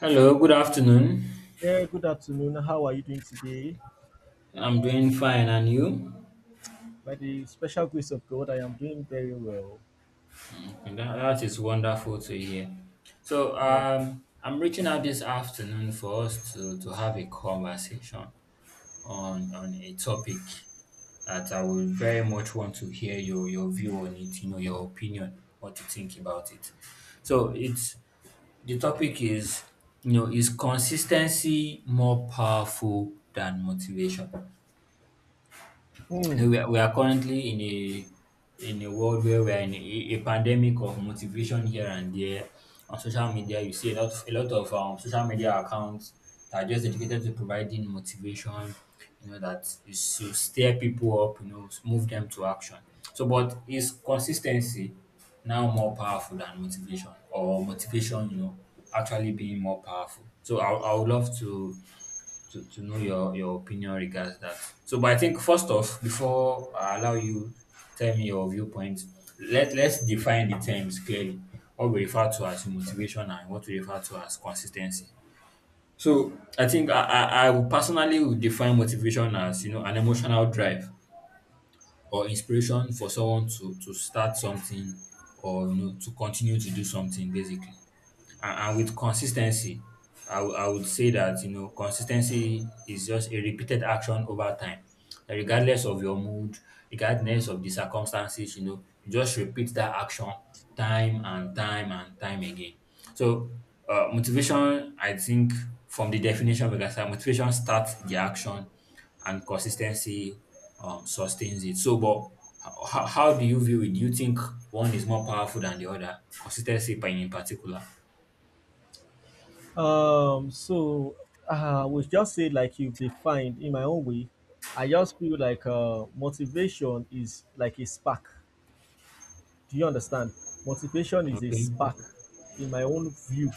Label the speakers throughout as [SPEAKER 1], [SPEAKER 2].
[SPEAKER 1] Hello, good afternoon.
[SPEAKER 2] Yeah, good afternoon. How are you doing today?
[SPEAKER 1] I'm doing fine, and you?
[SPEAKER 2] By the special grace of God, I am doing very well.
[SPEAKER 1] And that is wonderful to hear. So,
[SPEAKER 2] Yeah.
[SPEAKER 1] I'm reaching out this afternoon for us to have a conversation on a topic that I would very much want to hear your view on it, your opinion, what you think about it. So, it's the topic is, you know, is consistency more powerful than motivation?
[SPEAKER 2] Hmm.
[SPEAKER 1] No, we are currently in a world where we are in a pandemic of motivation here and there. On social media, you see a lot a lot of social media accounts that are just dedicated to providing motivation. You know, that is to stir people up. You know, move them to action. So, but is consistency now more powerful than motivation, or motivation, actually being more powerful? So, I would love to to know your opinion regards that. So, but I think first off, before I allow you tell me your viewpoint, let's define the terms clearly. What we refer to as motivation and what we refer to as consistency. So I think I would personally would define motivation as, you know, an emotional drive or inspiration for someone to start something, or, you know, to continue to do something basically. And, with consistency, I would say that, you know, consistency is just a repeated action over time, regardless of your mood, regardless of the circumstances. You know, you just repeat that action time and time and time again. So, motivation, I think, from the definition, because motivation starts the action and consistency sustains it. So but how do you view it? Do you think one is more powerful than the other, consistency in particular?
[SPEAKER 2] Um. So, I would just say like you've defined in my own way. I just feel like motivation is like a spark. Do you understand? Motivation is a
[SPEAKER 1] Okay.
[SPEAKER 2] spark. In my own view,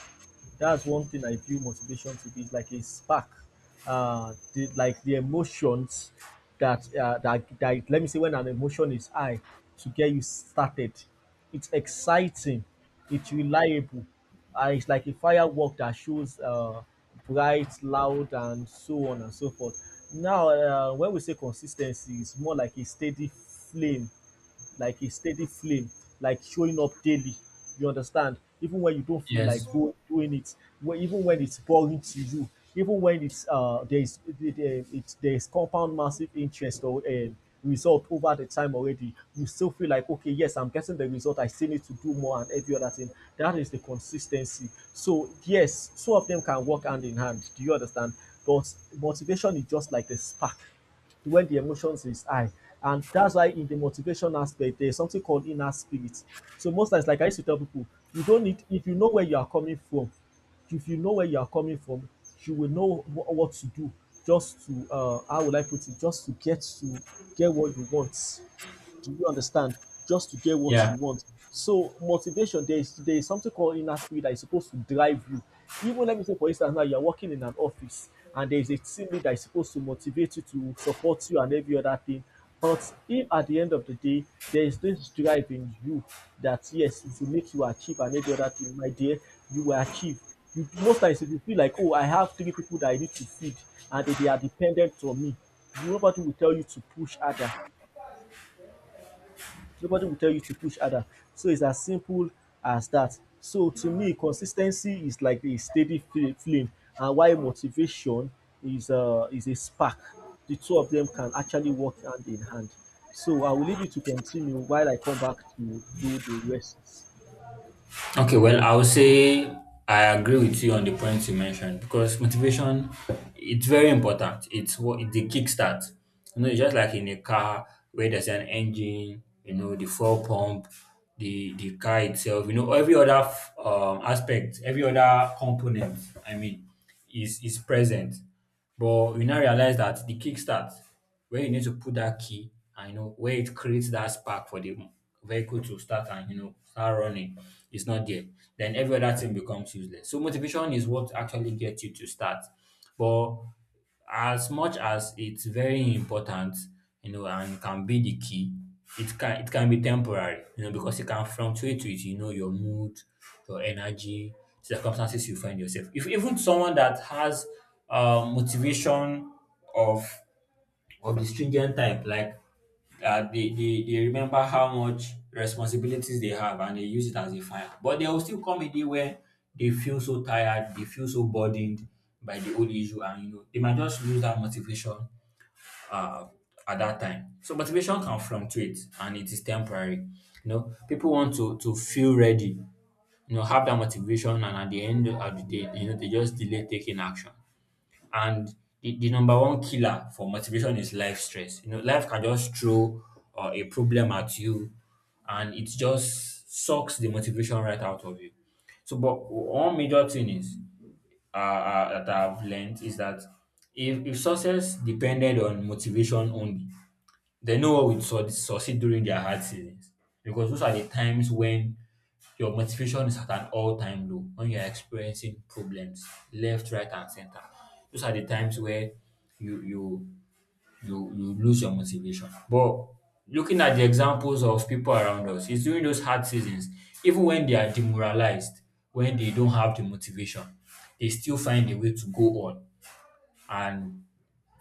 [SPEAKER 2] that's one thing I view motivation to be. It's like a spark. Like the emotions that let me say when an emotion is high to get you started. It's exciting. It's reliable. And it's like a firework that shows bright, loud, and so on and so forth. Now, when we say consistency, it's more like a steady flame like a steady flame, like showing up daily. You understand? Even when you don't feel
[SPEAKER 1] Yes.
[SPEAKER 2] like doing it, even when it's boring to you, even when it's there is there, it's, there is compound massive interest or result over the time already, you still feel like okay, yes, I'm getting the result. I still need to do more and every other thing. That is the consistency. So yes, two of them can work hand in hand. Do you understand? But motivation is just like the spark when the emotions is high. And that's why in the motivation aspect, there's something called inner spirit. So most times, like I used to tell people, you don't need if you know where you are coming from, if you know where you are coming from, you will know what to do just to how will I put it, just to get what you want. Do you understand? Just to get what you
[SPEAKER 1] Yeah.
[SPEAKER 2] want. So motivation, there is something called inner spirit that is supposed to drive you. Even let me say, for instance, now you are working in an office and there is a team lead that is supposed to motivate you to support you and every other thing. But if at the end of the day there is this drive in you that yes, it will make you achieve and every other thing, my dear, you will achieve. You, most times if you feel like, oh, I have three people that I need to feed and they are dependent on me, nobody will tell you to push harder. Nobody will tell you to push harder. So it's as simple as that. So to me, consistency is like a steady flame and while motivation is a spark. The two of them can actually work hand in hand. So I will leave you to continue while I come back to do the rest.
[SPEAKER 1] Okay. Well, I would say I agree with you on the points you mentioned because motivation, it's very important. It's what it's the kickstart. You know, it's just like in a car where there's an engine. You know, the fuel pump, the car itself. You know, every other aspect, every other component. I mean, is present. But we now realize that the kickstart, where you need to put that key and, you know, where it creates that spark for the vehicle to start and, you know, start running, is not there. Then every other thing becomes useless. So motivation is what actually gets you to start. But as much as it's very important, you know, and can be the key, it can be temporary, you know, because it can fluctuate with, you know, your mood, your energy, circumstances you find yourself. If even someone that has motivation of of the stringent type, like they remember how much responsibilities they have and they use it as a fire. But there will still come a day where they feel so tired, they feel so burdened by the old issue, and you know they might just lose that motivation uh, at that time. So motivation can fluctuate and it is temporary. You know, people want to feel ready, you know, have that motivation, and at the end of the day, you know, they just delay taking action. And the number one killer for motivation is life stress. You know, life can just throw a problem at you and it just sucks the motivation right out of you. So, but one major thing is that I've learned is that if success depended on motivation only, they know what would succeed during their hard seasons, because those are the times when your motivation is at an all time low, when you are experiencing problems left, right, and center. Those are the times where you you you lose your motivation. But looking at the examples of people around us, it's during those hard seasons, even when they are demoralized, when they don't have the motivation, they still find a way to go on. And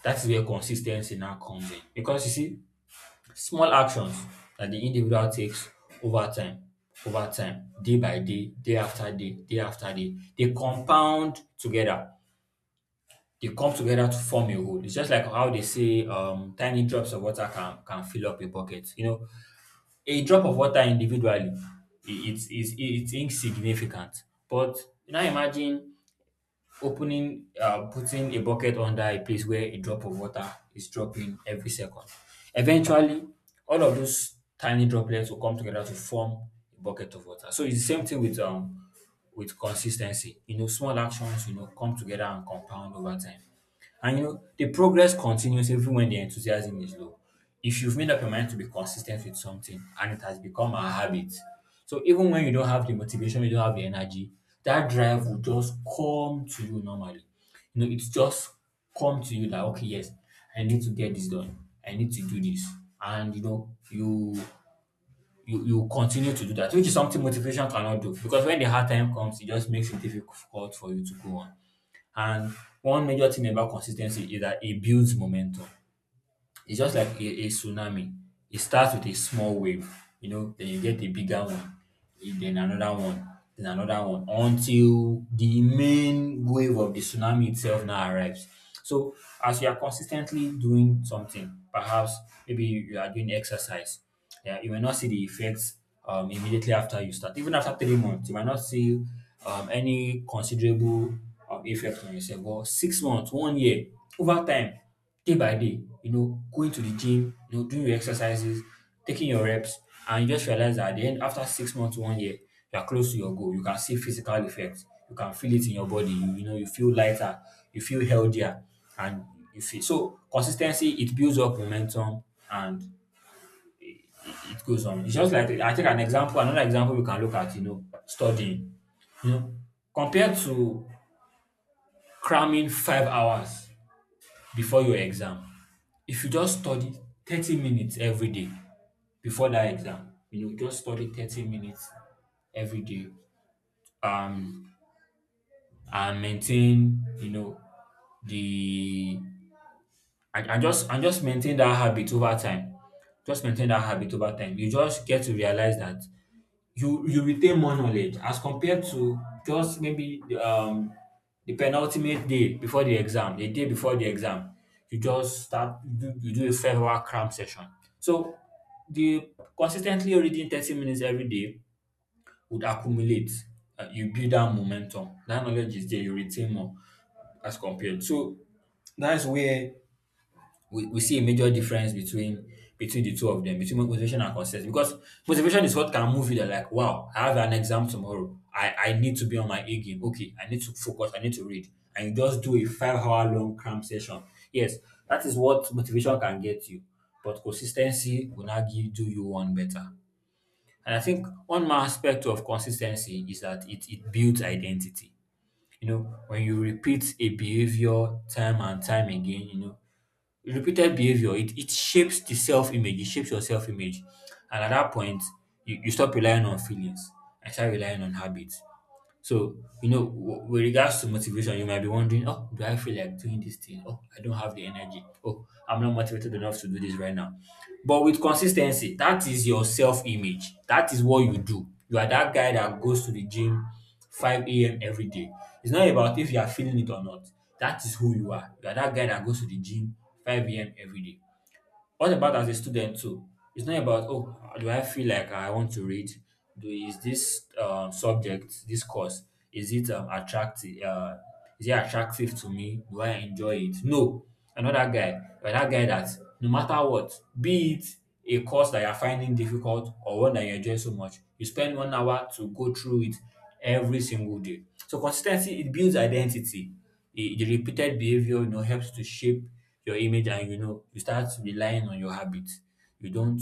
[SPEAKER 1] that is where consistency now comes in. Because you see, small actions that the individual takes over time, over time, day by day, day after day, day after day, they compound together. They come together to form a whole. It's just like how they say, tiny drops of water can fill up a bucket. You know, a drop of water individually, it's insignificant. But now imagine opening putting a bucket under a place where a drop of water is dropping every second. Eventually, all of those tiny droplets will come together to form a bucket of water. So it's the same thing with consistency. You know, small actions, you know, come together and compound over time. And, you know, the progress continues even when the enthusiasm is low. If you've made up your mind to be consistent with something and it has become a habit, so even when you don't have the motivation, you don't have the energy, that drive will just come to you normally. You know, it's just come to you that okay, yes, I need to get this done. I need to do this. And, you know, you continue to do that, which is something motivation cannot do. Because when the hard time comes, it just makes it difficult for you to go on. And one major thing about consistency is that it builds momentum. It's just like a tsunami. It starts with a small wave, you know, then you get a bigger one, eh, then another one, until the main wave of the tsunami itself now arrives. So, as you are consistently doing something, perhaps maybe you are doing exercise, yeah, you may not see the effects immediately after you start. Even after 3 months, you might not see any considerable effect on yourself. But 6 months, one year, over time, day by day, you know, going to the gym, you know, doing your exercises, taking your reps, and you just realize that at the end, after 6 months, one year, you are close to your goal. You can see physical effects. You can feel it in your body. You know, you feel lighter, you feel healthier, and you feel so consistency. It builds up momentum, and it goes on. It's just like I think an example, another example we can look at, you know, studying. You know, compared to cramming 5 hours before your exam. If you just study 30 minutes every day before that exam, you know, just study 30 minutes every day um, and maintain, you know, the and just maintain that habit over time. Just maintain that habit over time. You just get to realize that you retain more knowledge as compared to just maybe the penultimate day before the exam, the day before the exam, you just you do a farewell cram session. So the consistently reading 30 minutes every day would accumulate. You build that momentum. That knowledge is there, you retain more as compared. So we see a major difference between between the two of them, between motivation and consistency. Because motivation is what can move you. They're like, wow, I have an exam tomorrow. I need to be on my A game. Okay, I need to focus. I need to read. And you just do a 5 hour long cram session. Yes, that is what motivation can get you. But consistency will now give do you one better. And I think one more aspect of consistency is that it builds identity. You know, when you repeat a behavior time and time again, you know, repeated behavior it shapes the self-image, it shapes your self-image. And at that point you stop relying on feelings and start relying on habits. So, you know, with regards to motivation, you might be wondering, oh, do I feel like doing this thing? Oh, I don't have the energy. Oh, I'm not motivated enough to do this right now. But with consistency, that is your self image. That is what you do. You are that guy that goes to the gym 5 a.m. every day. It's not about if you are feeling it or not. That is who you are. You are that guy that goes to the gym 5 a.m. every day. What about as a student too? It's not about oh, do I feel like I want to read? Do is this subject, this course, is it attractive? Is it attractive to me? Do I enjoy it? No, another guy, but that guy that no matter what, be it a course that you're finding difficult or one that you enjoy so much, you spend 1 hour to go through it every single day. So consistency it builds identity. The repeated behavior helps to shape your image, and you start relying on your habits. You don't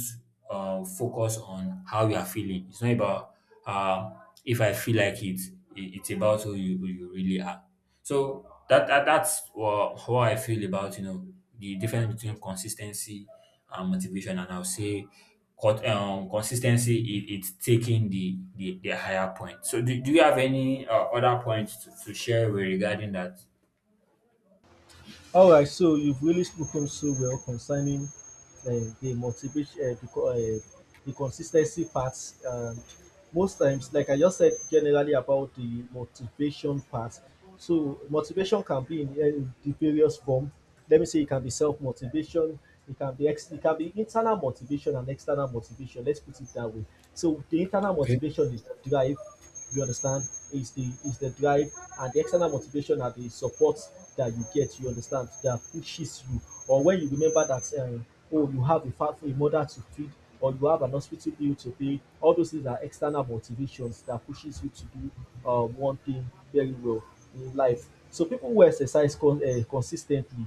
[SPEAKER 1] focus on how you are feeling. It's not about uh, if I feel like it. It's about who you really are. So that's how I feel about the difference between consistency and motivation. And I'll say cut consistency, it's taking the higher point. So do you have any other points to share regarding that?
[SPEAKER 2] All right, so you've really spoken so well concerning the motivation, the consistency part. And most times, like I just said, generally about the motivation part. So motivation can be in the various form. Let me say it can be self motivation. It can be it can be internal motivation and external motivation. Let's put it that way. So the internal
[SPEAKER 1] Okay.
[SPEAKER 2] motivation is the drive. You understand? Is the drive and the external motivation are the support that you get. You understand that pushes you, or when you remember that oh you have a family, a mother to feed, or you have an hospital bill to pay. All those things are external motivations that pushes you to do one thing very well in life. So people who exercise consistently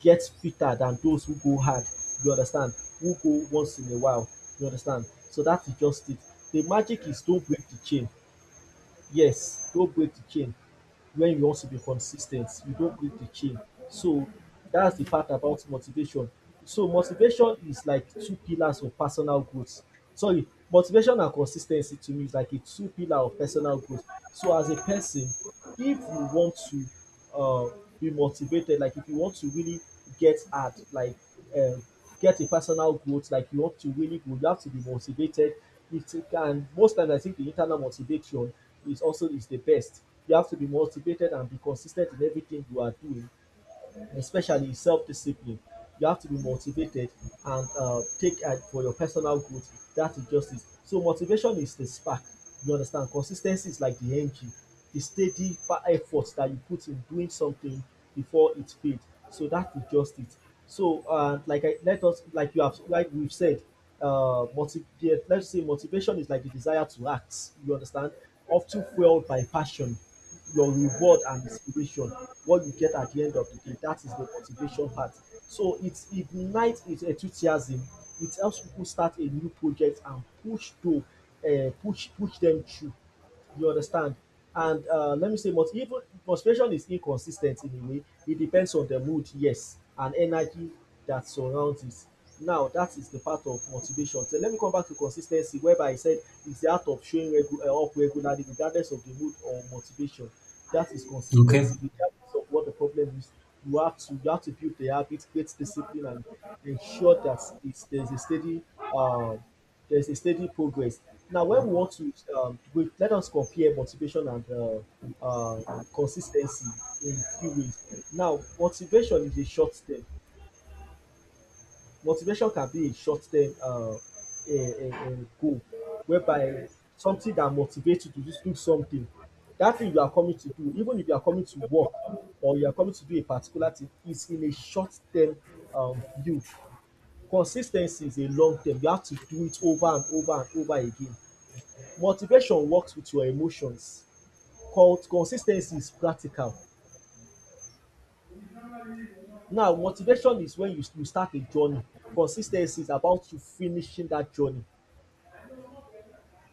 [SPEAKER 2] get fitter than those who go hard. You understand? Who go once in a while. You understand? So that is just it. The magic is don't break the chain. Yes, don't break the chain when you want to be consis ten t, you don't break the chain. So that's the part about motivation. So motivation is like two pillars of personal growth. Sorry, motivation and consis ten cy to me is like a two pillar of personal growth. So as a person, if you want to uh, be motivated. Like if you want to really get hard, like uh, get a personal growth, like you want to really grow, you have to be motivated. It can most times I think the internal motivation is also is the best. You have to be motivated and be consistent in everything you are doing, especially self-discipline. You have to be motivated and take for your personal growth. That is justice. So motivation is the spark. You understand? Consistency is like the engine, the effort that you put in doing something before it fades. So that is just it. So like I let us like you have like we've said, yeah, let's say motivation is like the desire to act. You understand? Often fueled by passion, your reward and inspiration, what you get at the end of the day, that is the motivation part. So it ignites his enthusiasm, it helps people start a new project and push to push dem through. You understand? And let me say, but even motivation is inconsistent in a way. It depends on the mood, yes, and energy that surrounds it. Now, that is the part of motivation. So let me come back to consistency, whereby I said it's the art of showing up regularly, regardless of the mood or motivation. That is
[SPEAKER 1] Okay.
[SPEAKER 2] consistency. Regardless so what the problem is. You have to build the habit, create discipline, and ensure that it's uh, there's a steady progress. Now, when we want to let us compare motivation and uh, consistency in few ways. Now, motivation can be a short-term a, a goal whereby something that motivates you to just do something. That thing you are coming to do, even if you are coming to work or you are coming to do a particular thing, is in a short-term view. Consis ten cy is a long-term. You have to do it over and over and over again. Motivation works with your emotions. Consis ten cy is practical. Now, motivation is when you start a journey. Consis ten cy is about you finishing that journey.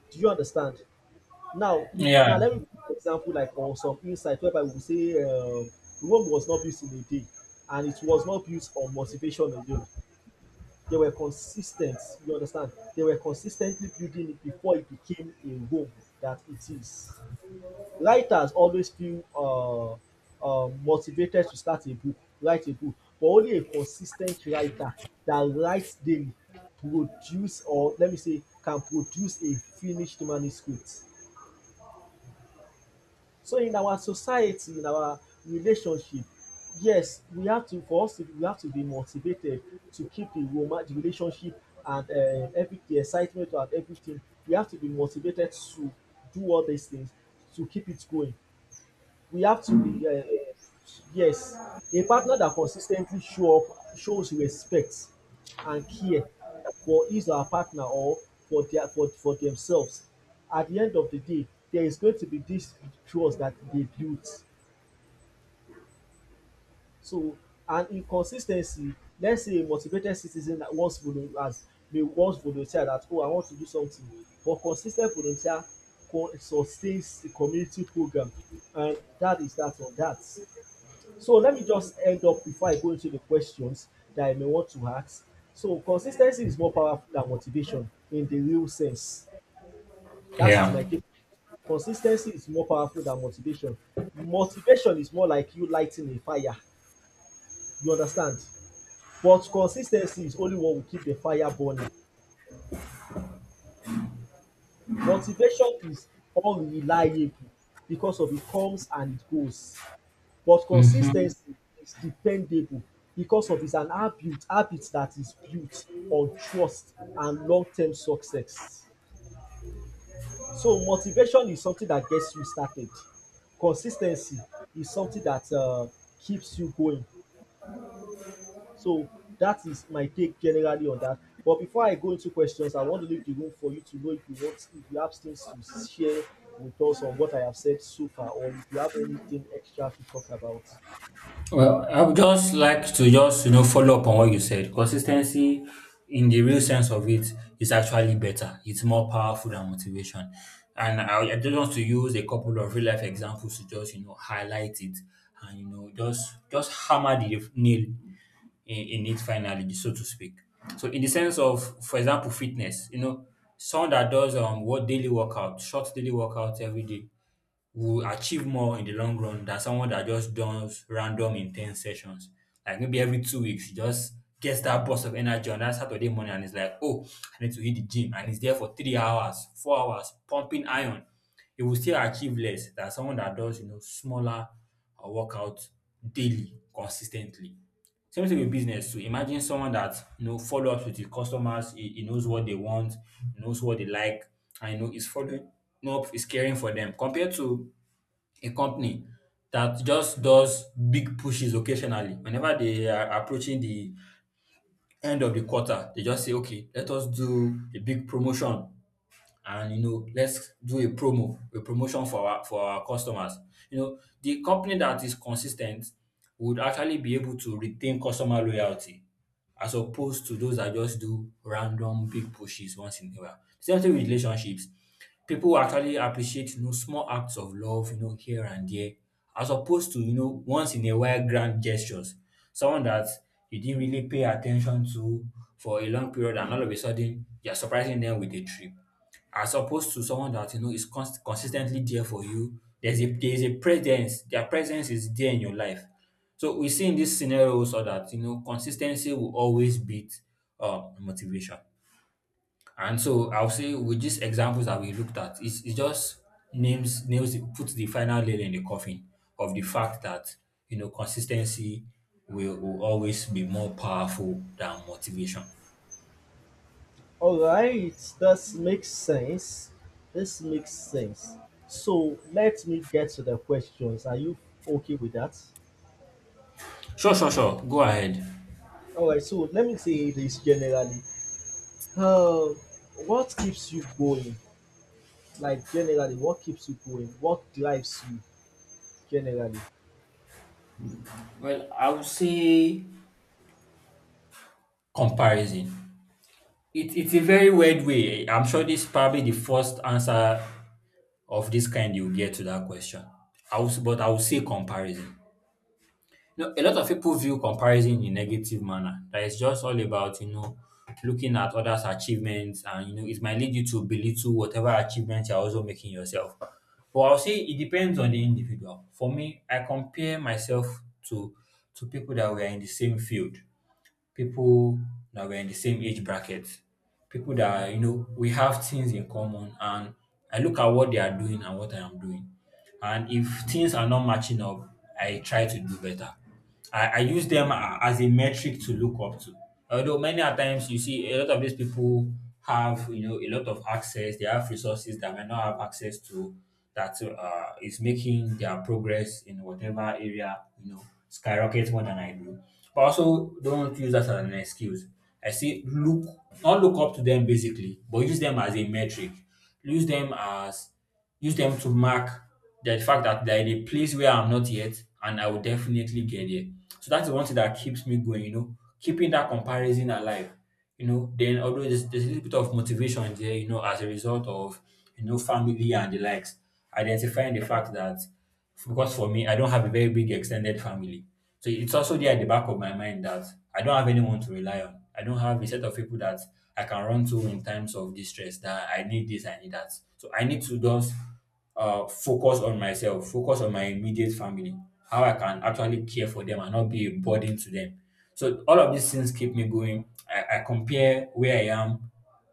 [SPEAKER 2] Do you understand? Now be
[SPEAKER 1] Yeah.
[SPEAKER 2] now let me give you an example like on some insight whereby we say Rome was not built in a day and it was not built on motivation alone. They were consis ten t, you understand? They were consistently building it before it became a Rome that it is. Writers always feel motivated to start a book, write a book, but only a consis ten t writer that writes daily produce or let me say can produce a finished manuscript. So in our society, in our relationship, yes, we have to be motivated to keep the roma the relationship and every the excitement and everything. We have to be motivated to do all these things to keep it going. We have to be yes a partner that consis ten tly show up, shows respect and care for his or her partner or for themselves. At the end of the day there is going to be this trust that dey built. So and in consis ten cy, let's say a motivated citizen once volunteer that oh I want to do something, but consis ten t volunteer sustains the community program and that is that on that. So let me just end up before I go into the questions that I may want to ask. So consis ten cy is more powerful than motivation in the real sense. That is
[SPEAKER 1] Yeah.
[SPEAKER 2] my take. Consis ten cy is more powerful than motivation. Motivation is more like you lighting a fire, you understand? But consis ten cy is only what will keep the fire burning. Motivation is unreliable because of it comes and it goes. But
[SPEAKER 1] Mm-hmm.
[SPEAKER 2] consistency is dependable because of it's an habit that is built on trust and long-term success. So motivation is something that gets you started. Consistency is something that keeps you going. So that is my take generally on that. But before I go into questions, I want to leave the room for you to know if you want if you have things to share with us on what I have said so far or if you have anything extra to talk about.
[SPEAKER 1] Well, I would just like to just follow up on what you said. Consistency, in the real sense of it, is actually better. It's more powerful than motivation. And I just want to use a couple of real life examples to just highlight it and just hammer the nail in it finally, so to speak. So in the sense of, for example, fitness, you know, someone that does what daily workout, short daily workout every day, will achieve more in the long run than someone that just does random intense sessions. Like maybe every 2 weeks, he just gets that burst of energy on that Saturday morning, and it's like, oh, I need to hit the gym. And he's there for 3 hours, 4 hours, pumping iron. He will still achieve less than someone that does, you know, smaller workouts daily, consistently. Same thing with business. So imagine someone that follow ups with his customers. He knows what they want, he knows what they like, and is following up, is caring for them. Compared to a company that just does big pushes occasionally. Whenever they are approaching the end of the quarter, they just say, okay, let us do a big promotion and let's do a promotion for our customers. The company that is consistent would actually be able to retain customer loyalty as opposed to those that just do random big pushes once in a while. Same thing with relationships. People will actually appreciate small acts of love here and there as opposed to once in a while grand gestures. Someone that you didn't really pay attention to for a long period, and all of a sudden you're surprising them with a trip, as opposed to someone that is consistently there for you. There's a presence. Their presence is there in your life. So we see in this scenario also that consistency will always beat motivation. And so I'll say with these examples that we looked at, it's, it just names nails puts the final nail in the coffin of the fact that consistency will always be more powerful than motivation.
[SPEAKER 2] All right, this makes sense. This makes sense. So let me get to the questions. Are you okay with that?
[SPEAKER 1] Sure, sure, sure. Go ahead.
[SPEAKER 2] All right. So let me say this generally. Um, what keeps you going? Like generally, what keeps you going? What drives you generally?
[SPEAKER 1] Well, I would say comparison. It's a very weird way. I'm sure this is probably the first answer of this kind you'll get to that question. I will, but I will say comparison. You know, a lot of people view comparison in a negative manner, that it's just all about, you know, looking at others' achievements and, you know, it might lead you to belittle whatever achievements you're also making yourself. But I'll say it depends on the individual. For me, I compare myself to to people that were in the same field, people that were in the same age bracket, people that we have things in common, and I look at what they are doing and what I am doing. And if things are not matching up, I try to do better. I use them as a metric to look up to. Although many a times you see a lot of these people have a lot of access, they have resources that may not have access to, that is making their progress in whatever area skyrocket more than I do. But also don't use that as an excuse. I say look, not look up to them basically, but use them as a metric. Use them as Use them to mark the fact that they're in a place where I'm not yet, and I will definitely get there. So that's the one thing that keeps me going, you know, keeping that comparison alive. You know, then although there's a little bit of motivation there, you know, as a result of, you know, family and the likes, identifying the fact that, because for me, I don't have a very big extended family. So it's also there at the back of my mind that I don't have anyone to rely on. I don't have a set of people that I can run to in times of distress, that I need this, I need that. So I need to just focus on myself, focus on my immediate family, how I can actually care for them and not be a burden to them. So all of these things keep me going. I compare where I am.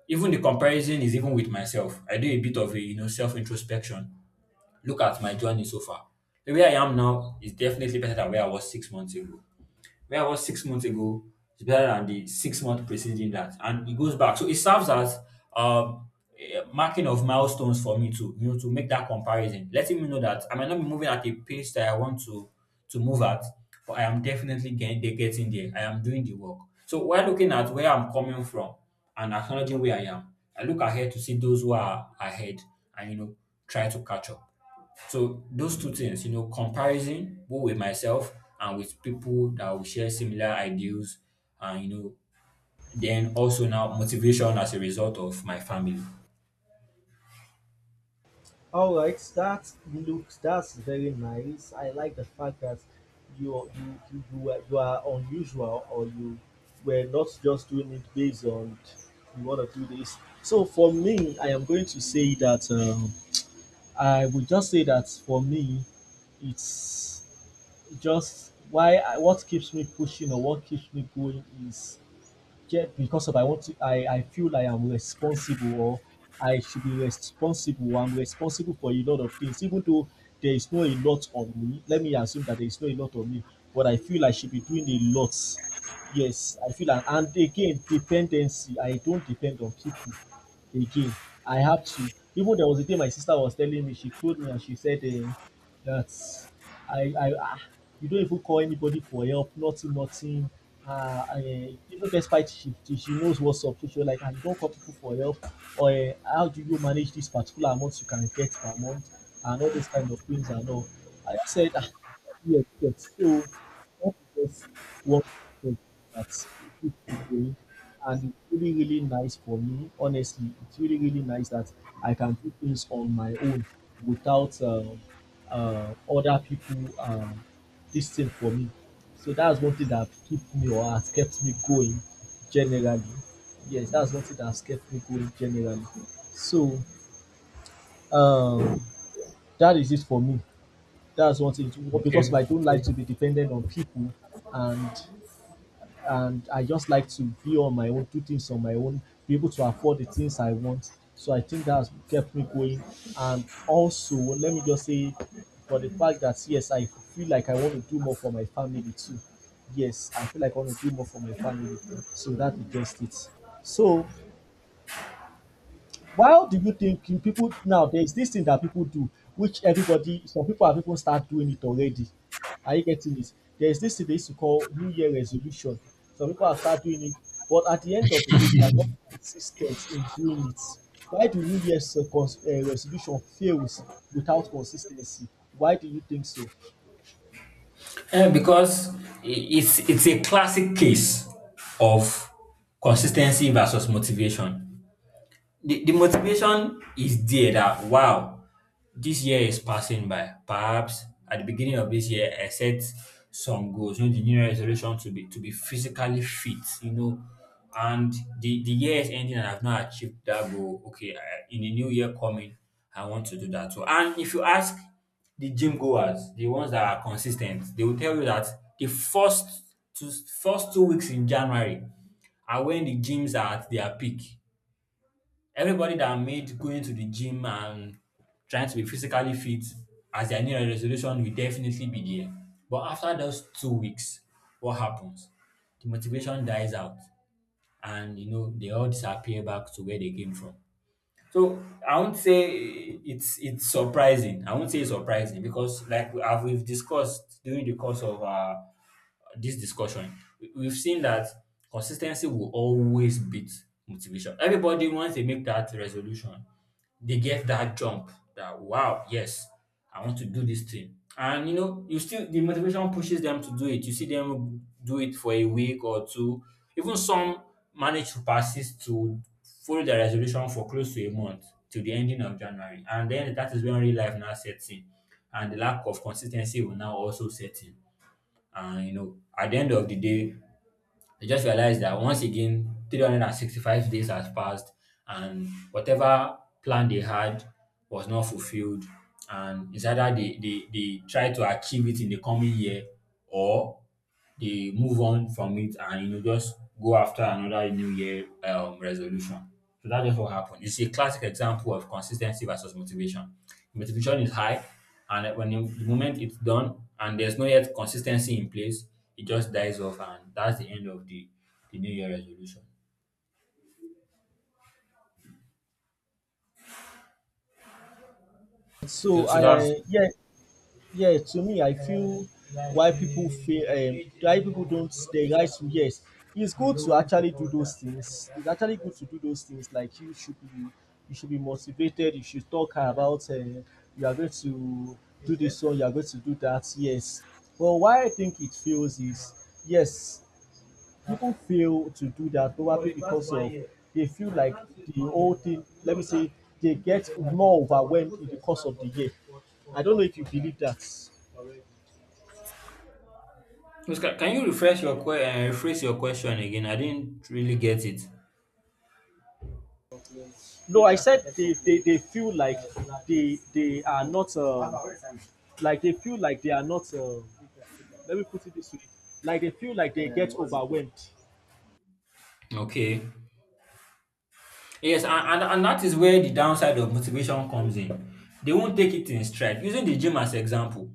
[SPEAKER 1] Even the comparison is even with myself. I do a bit of a self introspection. Look at my journey so far. Where I am now is definitely better than where I was 6 months ago. Where I was 6 months ago is better than the 6 month preceding that, and it goes back. So it serves as um, a marking of milestones for me to to make that comparison, letting me know that I might not be moving at a pace that I want to move at, but I am definitely getting there. I am doing the work. So while looking at where I'm coming from and acknowledging where I am, I look ahead to see those who are ahead, and try to catch up. So those two things, you know, comparison both with myself and with people that will share similar ideals, and you know, then also now motivation as a result of my family.
[SPEAKER 2] All right, that's very nice. I like the fact that you you are unusual or you were not just doing it based on you want to do this. So for me, I am going to say that I would just say that for me, it's just why what keeps me pushing or what keeps me going is get because of I want to I feel like I'm responsible or I should be responsible. I'm responsible for a lot of things, even though there is no a lot on me. Let me assume that there is no a lot on me, but I feel I should be doing a lot. Yes, I feel and again dependency. I don't depend on people. Again. I have to. Even there was a day my sister was telling me, she told me and she said that I ah you don't even call anybody for help, nothing, nothing. Even despite she knows what's up, so she was like you don't call people for help or how do you manage this particular amount you can get per month and all those kind of things and all. I just said yes, yes, so that is just one that, and it's really, really nice for me. Honestly, it's really, really nice that I can do things on my own without other people, this thing for me. So that's one thing that keep me or has kept me going generally. Yes, that's one thing that has kept me going generally. So um, that is it for me. That's one thing because
[SPEAKER 1] Okay.
[SPEAKER 2] I don't like to be dependent on people and I just like to be on my own, do things on my own, be able to afford the things I want. So I think that has kept me going. And also, let me just say, for the fact that yes, I feel like I want to do more for my family too. Yes, I feel like I want to do more for my family. So that is just it. So why do you think in people now there is this thing that people do which everybody, some people have even start doing it already? Are you getting it? There is this thing they used to call New Year resolution. Some people have start doing it, but at the end of the day they are not consis ten t in doing it. Why do new year's cons resolution fails without consis ten cy? Why do you think so?
[SPEAKER 1] Eh, because it's a classic case of consistency versus motivation. The motivation is there that wow, this year is passing by. Perhaps at the beginning of this year, I set some goals. You know, the new Year resolution to be physically fit. You know, and the year is ending, and I've not achieved that goal. Okay, I, in the new year coming, I want to do that too. And if you ask the gym goers, the ones that are consistent, they will tell you that the first 2 weeks in January are when the gyms are at their peak. Everybody that made going to the gym and trying to be physically fit as their new Year resolution will definitely be there. But after those 2 weeks, what happens? The motivation dies out, and you know they all disappear back to where they came from. So I won't say it's surprising. I won't say it's surprising, because like we've discussed during the course of this discussion, we've seen that consistency will always beat motivation. Everybody, once they make that resolution, they get that jump that, wow, yes, I want to do this thing. And you know, you still, the motivation pushes them to do it. You see them do it for a week or two. Even some manage to persist to follow the resolution for close to a month till the ending of January. And then that is when real life now sets in, and the lack of consistency will now also set in. And you know, at the end of the day, I just realized that once again, 365 days has passed and whatever plan they had was not fulfilled. And it's either they try to achieve it in the coming year, or they move on from it and you know just go after another new year resolution. So that's just what happened. It's a classic example of consistency versus motivation. Motivation is high, and when you, the moment it's done and there's no yet consistency in place, it just dies off, and that's the end of the new year resolution.
[SPEAKER 2] So
[SPEAKER 1] So, so that's
[SPEAKER 2] I Yes, yeah, to me, I feel why people feel, why people don't, they guys, to yes. It's good to actually do those things. It's actually good to do those things. Like you should be motivated. You should talk about, you are going to do this one. You are going to do that. Yes. But why I think it fails is, yes, people fail to do that probably because of they feel like the whole thing. Let me say they get more overwhelmed in the course of the year. I don't know if you believe that.
[SPEAKER 1] Oscar, can you rephrase your question again? I didn't really get it.
[SPEAKER 2] No, I said they feel like they are not, like they feel like they are not, let me put it this way, like they feel like they get overwhelmed.
[SPEAKER 1] Okay. Yes, and that is where the downside of motivation comes in. They won't take it in stride. Using the gym as example,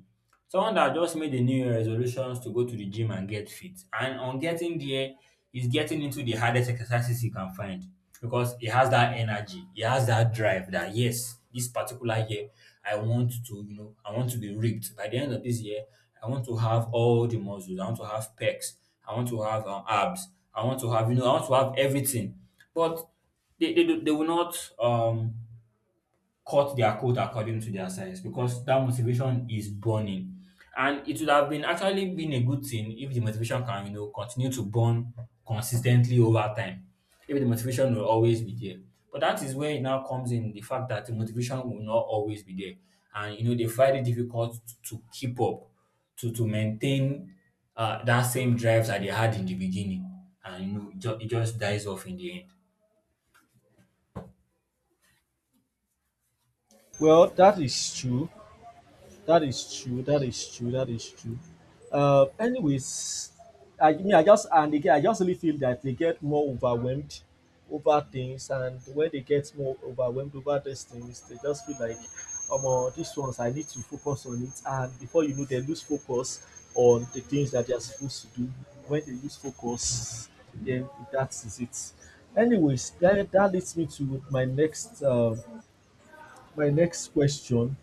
[SPEAKER 1] someone that just made a new year resolutions to go to the gym and get fit, and on getting there is getting into the hardest exercises he can find because he has that energy, he has that drive that yes, this particular year I want to be ripped. By the end of this year, I want to have all the muscles. I want to have pecs. I want to have abs. I want to have, I want to have everything. But they will not cut their coat according to their size because that motivation is burning. And it would have been actually been a good thing if the motivation can continue to burn consistently over time. If the motivation will always be there. But that is where it now comes in the fact that the motivation will not always be there. And they find it difficult to keep up, to maintain that same drive that they had in the beginning. And it just dies off in the end.
[SPEAKER 2] Well, that is true. That is true. That is true. That is true. Anyways, I mean, I just, and again, I just really feel that they get more overwhelmed over things, and when they get more overwhelmed over these things, they just feel like, oh, these ones I need to focus on it, and before you know, they lose focus on the things that they are supposed to do. When they lose focus, then that is it. Anyways, that leads me to my next. My next question.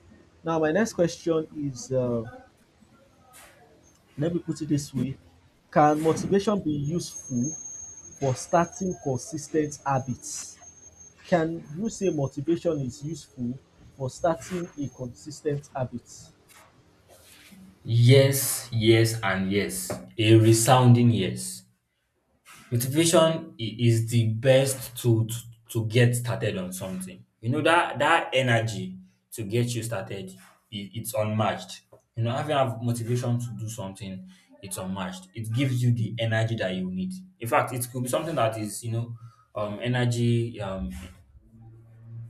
[SPEAKER 2] Now, my next question is, let me put it this way, can motivation be useful for starting consistent habits? Can you say motivation is useful for starting a consistent habit?
[SPEAKER 1] Yes, yes, and yes. A resounding yes. Motivation is the best tool to, get started on something. That energy to get you started, it's unmatched. You know, having have motivation to do something, it's unmatched. It gives you the energy that you need. In fact, it could be something that is energy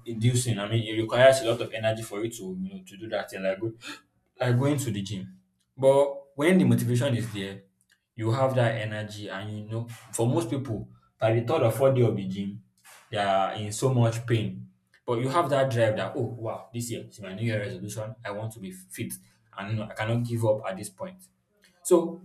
[SPEAKER 1] inducing. I mean, it requires a lot of energy for you to to do that thing, like like going to the gym. But when the motivation is there, you have that energy, and for most people, by the third or fourth day of the gym, they are in so much pain. But you have that drive that oh wow, this year is my New Year resolution. I want to be fit, and I cannot give up at this point. So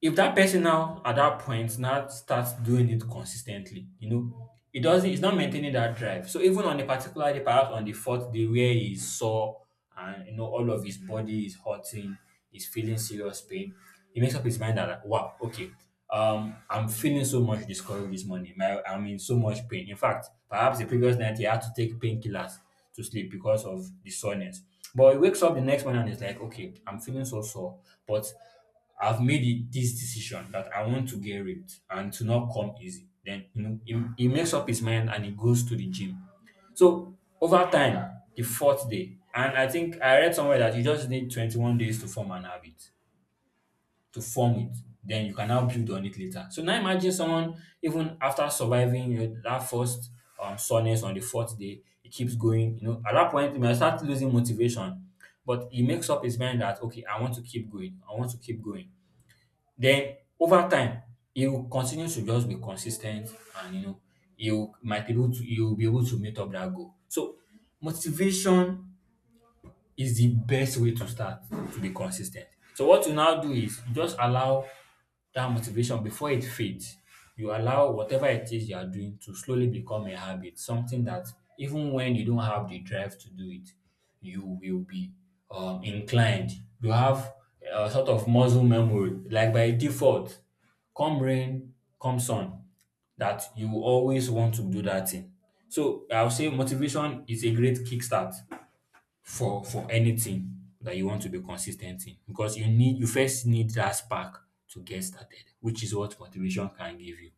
[SPEAKER 1] if that person now at that point now starts doing it consistently, it's not maintaining that drive. So even on a particular day, perhaps on the fourth day where he's sore and all of his body is hurting, he's feeling serious pain, he makes up his mind that like, wow, okay, I'm feeling so much discouraged this morning. I'm in so much pain. In fact, perhaps the previous night he had to take painkillers to sleep because of the soreness. But he wakes up the next morning and he's like, okay, I'm feeling so sore, but I've made it this decision that I want to get ripped and to not come easy. Then he makes up his mind and he goes to the gym. So over time, the fourth day, and I think I read somewhere that you just need 21 days to form an habit, to form it. Then you can now build on it later. So now imagine someone even after surviving that first soreness on the fourth day, he keeps going. At that point he might start losing motivation, but he makes up his mind that okay, I want to keep going. I want to keep going. Then over time, you continue to just be consistent, and you'll be able to meet up that goal. So motivation is the best way to start to be consistent. So what you now do is you just allow that motivation before it fades. You allow whatever it is you are doing to slowly become a habit, something that even when you don't have the drive to do it, you will be inclined. You have a sort of muscle memory like by default come rain come sun that you will always want to do that thing. So I will say motivation is a great kickstart for anything that you want to be consistent in because you first need that spark to get started, which is what motivation can give you.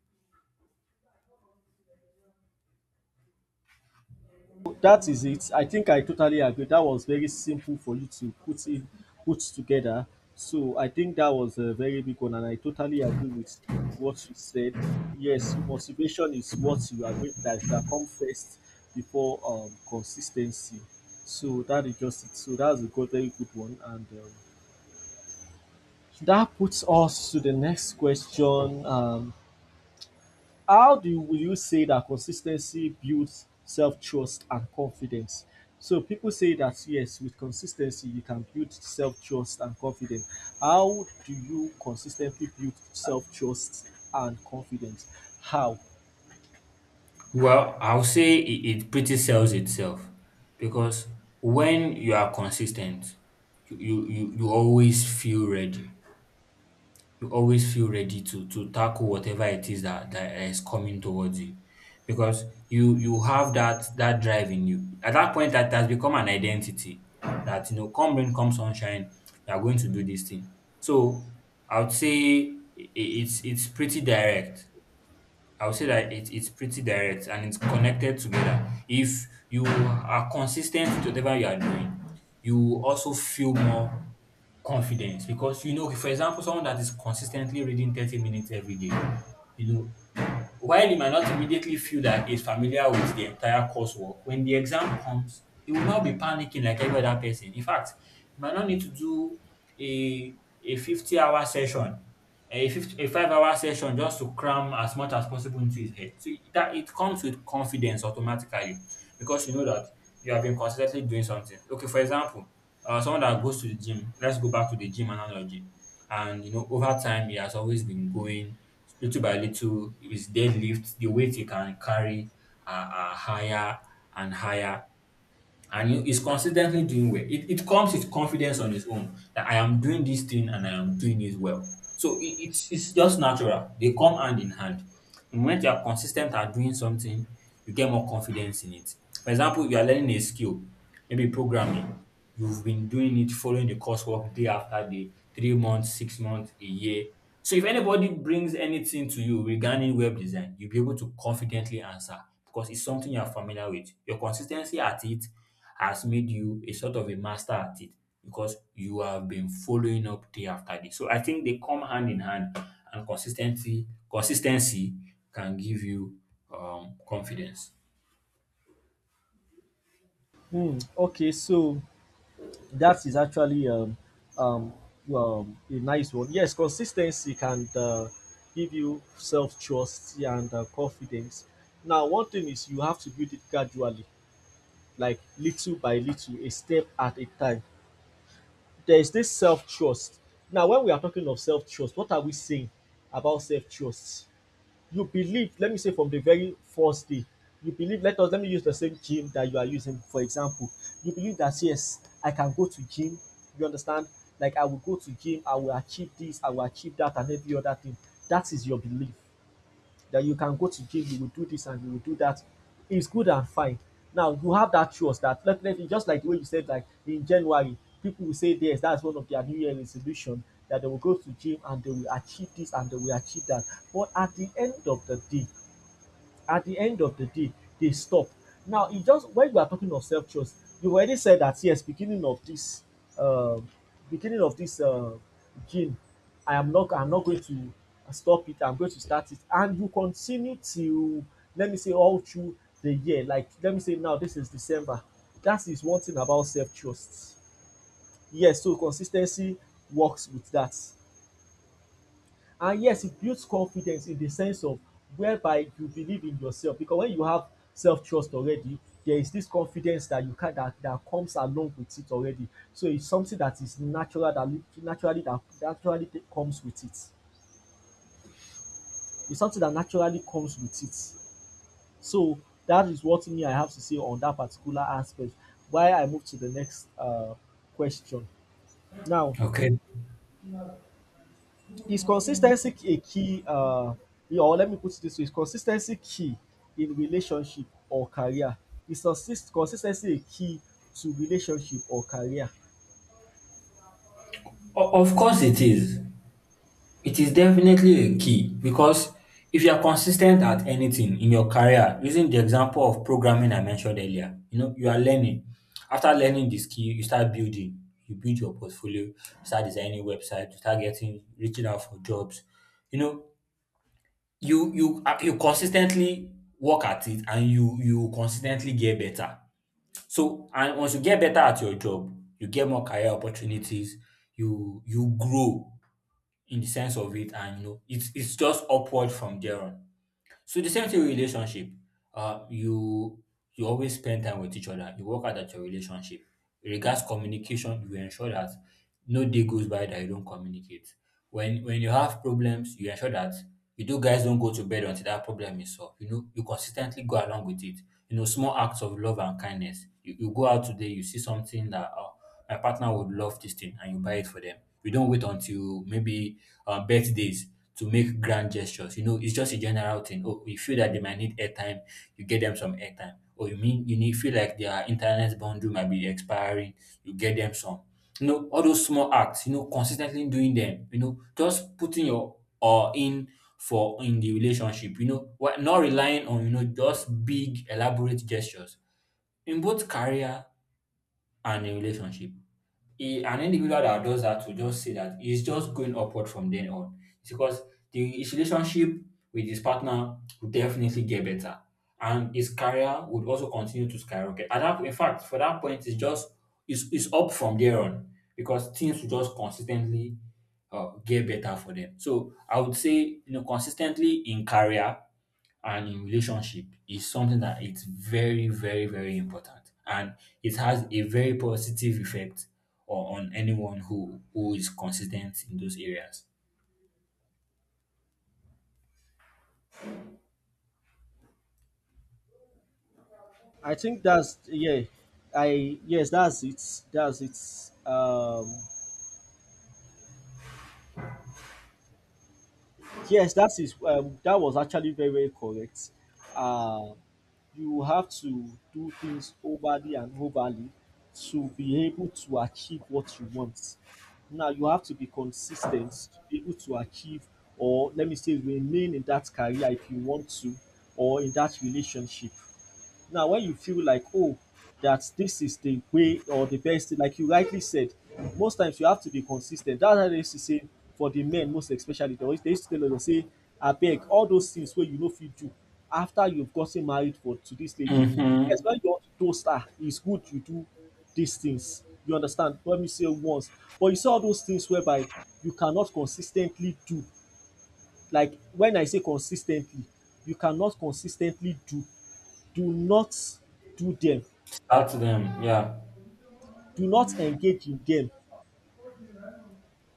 [SPEAKER 2] That is it. I think I totally agree. That was very simple for you to put together. So I think that was a very big one, and I totally agree with what you said. Yes, motivation is what you agree that, come first before consistency. So that is just it. So that's a good, very good one, and that puts us to the next question. How do you, will you say that consistency builds self trust and confidence? So people say that yes, with consistency you can build self trust and confidence. How do you consistently build self trust and confidence? How?
[SPEAKER 1] Well, I'll say it pretty sells itself because when you are consistent, you always feel ready. You always feel ready to tackle whatever it is that is coming towards you because you have that drive in you at that point that has become an identity that you know come rain come sunshine you are going to do this thing. So I would say it's pretty direct. I would say that it's pretty direct and it's connected together. If you are consistent with whatever you are doing, you also feel more confidence because for example, someone that is consistently reading 30 minutes every day, you know, while he might not immediately feel that he's familiar with the entire coursework, when the exam comes, he will not be panicking like every other person. In fact, he might not need to do a a 50-hour session, a 5 hour session just to cram as much as possible into his head. So that it comes with confidence automatically because you know that you have been consistently doing something. Okay, for example, someone that goes to the gym, let's go back to the gym analogy. And over time, he has always been going little by little with deadlift, the weight you can carry are higher and higher and he's consistently doing well. It comes with confidence on his own that I am doing this thing and I am doing it well. So it's just natural. They come hand in hand. When you are consistent at doing something, you get more confidence in it. For example, you are learning a skill, maybe programming. You've been doing it, following the coursework day after day, 3 months, 6 months, a year. So if anybody brings anything to you regarding web design, you'll be able to confidently answer because it's something you are familiar with. Your consistency at it has made you a sort of a master at it because you have been following up day after day. So I think they come hand in hand, and consistency can give you confidence.
[SPEAKER 2] Hmm. Okay, so that is actually um, a nice one. Yes, consistency can, give you self trust and, confidence. Now, one thing is you have to build it gradually, like little by little, a step at a time. There is this self trust. Now, when we are talking of self trust, what are we saying about self trust? You believe, let me say from the very first day, you believe, let me use the same gym that you are using, for example. You believe that, yes, I can go to gym. You understand? Like, I will go to gym, I will achieve this, I will achieve that, and every other thing. That is your belief that you can go to gym, you will do this and you will do that. It's good and fine. Now you have that trust that, let let just like the way you said, like in January, people will say yes, that's one of their New Year resolution that they will go to gym and they will achieve this and they will achieve that. But at the end of the day, at the end of the day dey stop. Now e just when you are talking of self-trust, you already said that, yes, um beginning of dis game, I'm not going to stop it, I'm going to start it, and you continue till, let me say, all through the year, like let me say now dis is December. Dat is one thing about self-trust. Yes, so consis ten cy works with dat. And yes, it builds confidence in the sense of whereby you believe in yourself, because when you have self-trust already, there is this confidence that you ca that comes along with it already. So it's something that is natural, that naturally, comes with it. It's something that naturally comes with it. So that is what me I have to say on that particular aspect, while I move to the next question. Now,
[SPEAKER 1] Okay,
[SPEAKER 2] is consistency a key, yeah, or let me put it this way, is consistency key in relationship or career? Is consistency a key to relationship or career?
[SPEAKER 1] Of course it is. It is definitely a key because if you are consistent at anything in your career, using the example of programming I mentioned earlier, you are learning. After learning the skill, you start building. You build your portfolio, you start designing websites, you start getting reaching out for jobs. You know, you consistently work at it and you consistently get better. So and once you get better at your job, you get more career opportunities, you grow in the sense of it, and it's just upward from there on. So the same thing with relationship. Uh, you you always spend time with each other. You work out at your relationship. Regards communication, you ensure that no day goes by that you don't communicate. When you have problems, you ensure that you do guys don't go to bed until that problem is solved. You consistently go along with it. Small acts of love and kindness. You go out today, you see something that my partner would love this thing, and you buy it for them. You don't wait until maybe birthdays to make grand gestures. It's just a general thing. Oh, you feel that they might need airtime, you get them some airtime. Or you mean you need feel like their internet bundle might be expiring, you get them some. All those small acts, consistently doing them, just putting your or in for in the relationship, not relying on, just big elaborate gestures in both career and a relationship. An individual that does that will just say that he's just going upward from then on. It's because his relationship with his partner will definitely get better, and his career would also continue to skyrocket. In fact, for that point, it's up from there on because things will just consistently get better for them. So I would say consistently in career and in relationship is something that it's very, very, very important. And it has a very positive effect on anyone who is consistent in those areas.
[SPEAKER 2] I think that's, yeah, I yes, that's it, that's it. Yes, that is, that was actually very very correct. Uh, you have to do things overly and overly to be able to achieve what you want. Now you have to be consistent to be able to achieve, or let me say, remain in that career if you want to, or in that relationship. Now, when you feel like, oh, that this is the way or the best thing, like you rightly said, most times you have to be consis ten t. That's why they used to say for the men most especially, they used to tell us say abeg all those things wey you no fit do after you've gotten married for to this lady, yes,
[SPEAKER 1] Mm-hmm.
[SPEAKER 2] when you want to toast her, it's good you do these things. You understand? Let me say once. But you see all those things whereby you cannot consis ten tly do. Like when I say consis ten tly, you cannot consis ten tly do. Do not do them,
[SPEAKER 1] Start to them, yeah.
[SPEAKER 2] do not engage in them,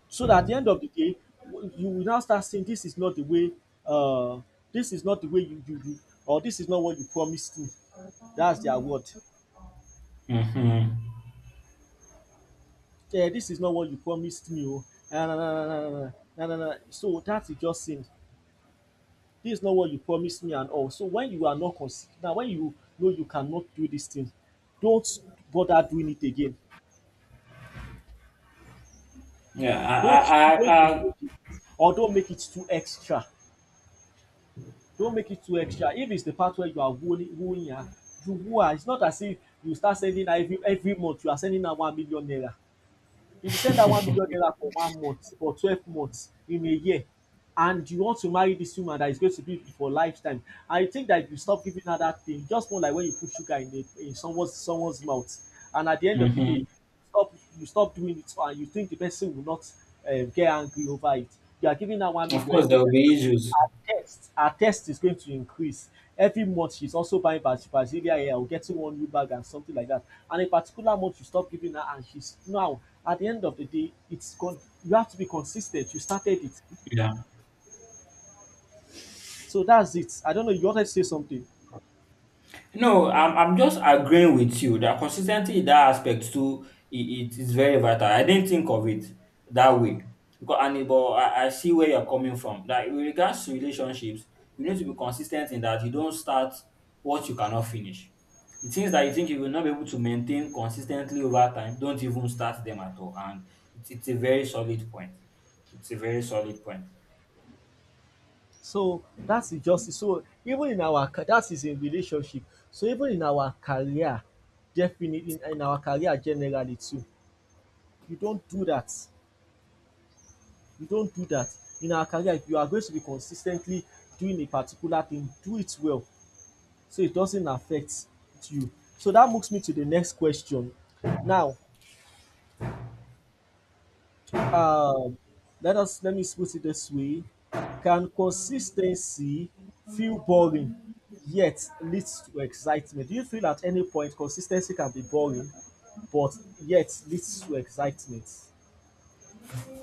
[SPEAKER 2] so that at the end of the day you will now start saying this is not the way, uh this is not the way you do. You or this is not what you promised me, that's their word.
[SPEAKER 1] Mm-hmm.
[SPEAKER 2] This is not what you promised me. Oh, na na na na na na, na na. So that is just saying this is not what you promised me and all. So when you are not consi now, when you know you cannot do this thing, don't bother doing it again.
[SPEAKER 1] Yeah,
[SPEAKER 2] don't don't
[SPEAKER 1] I
[SPEAKER 2] engage in it or don't make it too extra. Don't make it too extra. If it's the part where you are wooing her, you woo her. It's not as if you start sending her every month, you are sending her 1 million naira. If you send her 1 million naira for 1 month, for 12 months in a year, and you want to marry this woman that is going to be for lifetime, I think that if you stop giving her that thing, just more like when you put sugar in, in someone's mouth, and at the end of the day,
[SPEAKER 1] mm-hmm.
[SPEAKER 2] you stop doing it, and you think the person will not, get angry over it. You are giving her one
[SPEAKER 1] Of
[SPEAKER 2] million
[SPEAKER 1] course
[SPEAKER 2] every
[SPEAKER 1] there will
[SPEAKER 2] time.
[SPEAKER 1] be issues.
[SPEAKER 2] Our test is going to increase. Every month she's also buying Brazilian hair or getting one new bag and something like that. And a particular month you stop giving her, and she's now at the end of the day, it's you have to be consistent. You started it.
[SPEAKER 1] Yeah.
[SPEAKER 2] So that's it. I don't know, you wanted to say something.
[SPEAKER 1] No, I'm just agreeing with you that consis ten cy in that aspect too it it is very vital. I didn't think of it that way. Because and it but I I see where you're coming from that with regards to relationships you need to be consis ten t in that you don't start what you cannot finish. The things that you think you will not be able to maintain consis ten tly over time don't even start them at all, and it's a very solid point. It's a very solid point.
[SPEAKER 2] So that's injustice. So even in our that is in relationship. So even in our career, definitely in our career generally too, you don't do that. You don't do that. In our career, if you are going to be consistently doing a particular thing, do it well so it doesn't affect you. So that moves me to the next question. Now, um, let us, let me put it this way: can consistency feel boring yet leads to excitement? Do you feel at any point consistency can be boring but yet leads to excitement?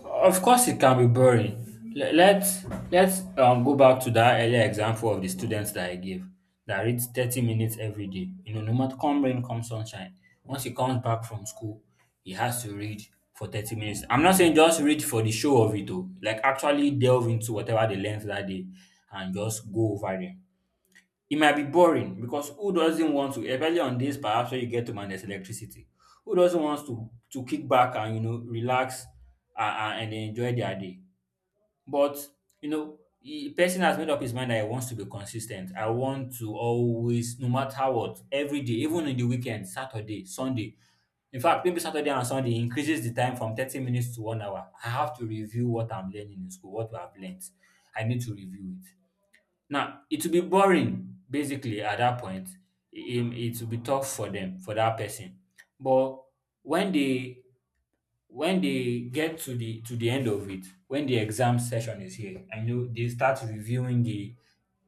[SPEAKER 1] Of course, it can be boring. Le- let's go back to that earlier example of the students that I gave that reads 30 minutes every day. You know, no matter come rain, come sunshine. Once he comes back from school, he has to read for 30 minutes. I'm not saying just read for the show of it, though. Like, actually delve into whatever they learned that day and just go over them. It might be boring because who doesn't want to, especially on days perhaps when you get home and there's electricity, who doesn't want to kick back and, you know, relax and enjoy their day? But, you know, the person has made up his mind that he wants to be consistent. I want to always, no matter what, every day, even in the weekend, Saturday, Sunday. In fact, maybe Saturday and Sunday increases the time from 30 minutes to 1 hour. I have to review what I'm learning in school, what I've learned. I need to review it. Now, it will be boring basically at that point. Im it will be tough for them, for that person. But when they when they get to the end of it, when the exam session is here, I know they start reviewing the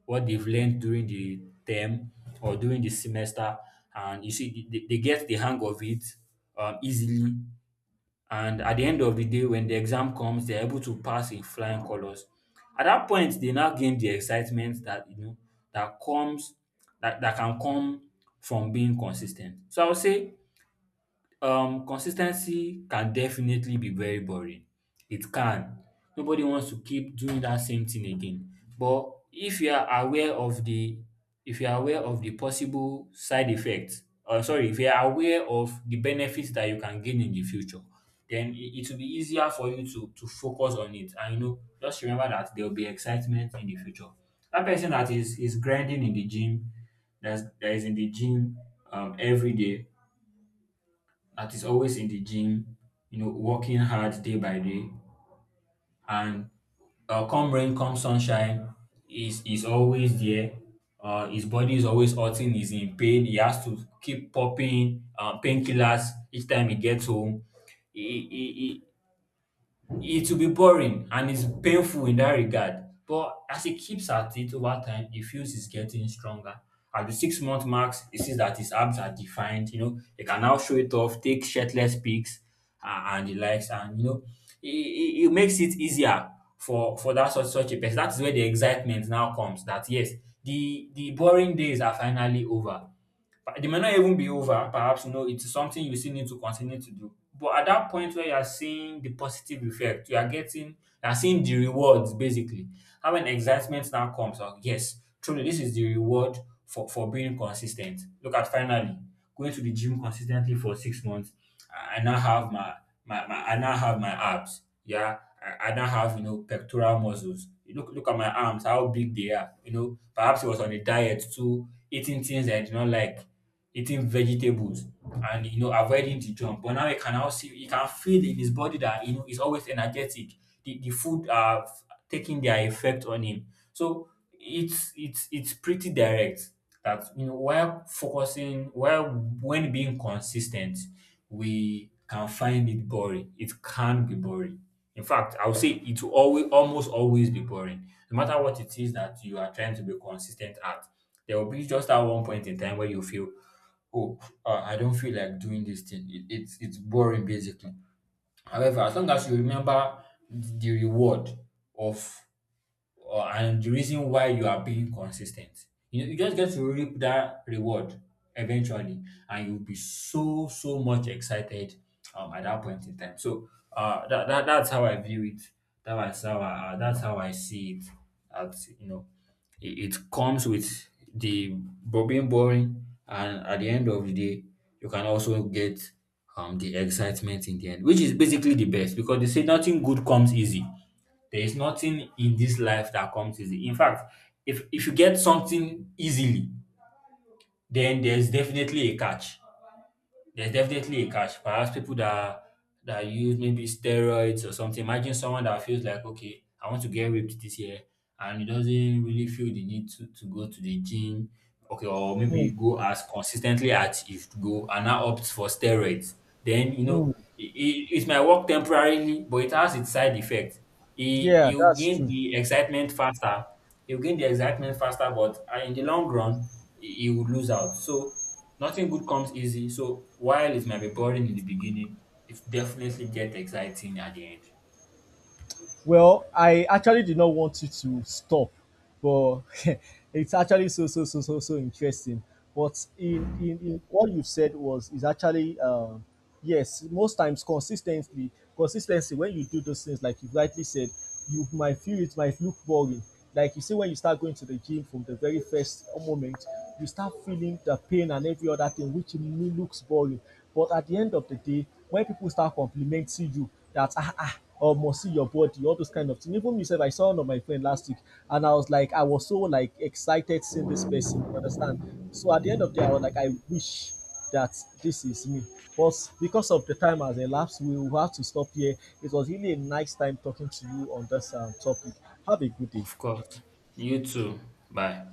[SPEAKER 1] what they've learned during the term or during the semester, and you see they get the hang of it easily, and at the end of the day when the exam comes, they're able to pass in flying colors. At that point they now gain the excitement, that, you know, that comes, that can come from being consistent. So I would say consistency can definitely be very boring. It can. Nobody wants to keep doing that same thing again. But if you are aware of the if you are aware of the possible side effects, or, sorry, if you are aware of the benefits that you can gain in the future, then it will be easier for you to focus on it. And, you know, just remember that there will be excitement in the future. That person that is grinding in the gym, that is in the gym every day, that is always in the gym, you know, working hard day by day. And come rain, come sunshine, is always there. His body is always hurting. He's in pain. He has to keep popping painkillers each time he gets home. He, he, it will be boring and it's painful in that regard. But as he keeps at it over time, he feels he's getting stronger. At the 6 month marks, he sees that his abs are defined. You know, he can now show it off, take shirtless pics, and he likes, and, you know, it makes it easier for that such such a person. That's where the excitement now comes. That, yes, the boring days are finally over. But they may not even be over; perhaps, you know, it's something you still need to continue to do. But at that point where you are seeing the positive effect, you are seeing the rewards basically. How an excitement now comes out, yes, truly this is the reward for being consistent. Look at finally going to the gym consistently for 6 months. I now have my my, my I now have my abs. Yeah. I now have, you know, pectoral muscles. You look at my arms, how big they are. You know, perhaps it was on a diet too, eating things that I did not like, eating vegetables and, you know, avoiding the jump. But now you can now see he can feel in his body that, you know, he's always energetic. The food are taking their effect on him. So it's pretty direct that, you know, while focusing while when being consistent we can find it boring. It can be boring. In fact, I would say it will always, almost always be boring. No matter what it is that you are trying to be consistent at, there will be just that one point in time where you feel, oh, I don't feel like doing this thing. It's boring basically. However, as long as you remember the reward of or and the reason why you are being consistent. You know, you just get to reap that reward eventually, and you'll be so much excited at that point in time. So that's how I view it. That's how that's how I see it. At, you know, it comes with being boring, and at the end of the day, you can also get the excitement in the end, which is basically the best, because they say nothing good comes easy. There is nothing in this life that comes easy. In fact, if you get something easily, then there's definitely a catch. There's definitely a catch. Perhaps people that use maybe steroids or something. Imagine someone that feels like, okay, I want to get ripped this year, and he doesn't really feel the need to go to the gym, okay, or
[SPEAKER 2] Hmm.
[SPEAKER 1] maybe go as consistently as he should go, and now opts for steroids. Then you know
[SPEAKER 2] Hmm.
[SPEAKER 1] it might work temporarily, but it has its side effect. He
[SPEAKER 2] Yeah,
[SPEAKER 1] he'll
[SPEAKER 2] that's
[SPEAKER 1] gain
[SPEAKER 2] true.
[SPEAKER 1] the excitement faster. He'll gain the excitement faster, but in the long run, he will lose out. So nothing good comes easy, so while it might be boring in the beginning, it definitely get exciting at the end.
[SPEAKER 2] Well, I actually did not want you to stop, but it's actually so so so so so interesting. But in what you said was is actually, yes, most times consistently consistency, when you do those things, like you rightly said, you might feel it might look boring. Like you see when you start going to the gym from the very first moment, you start feeling the pain and every other thing, which may looks boring. But at the end of the day, when people start complimenting you that, or must see your body, all those kind of things. Even myself, I saw one of my friend last week, and I was so like excited seeing this person. You understand? So at the end of the day, I was like, I wish that this is me. But because of the time has elapsed, we will have to stop here. It was really a nice time talking to you on this topic. Have a good day.
[SPEAKER 1] Of course. You too. Bye.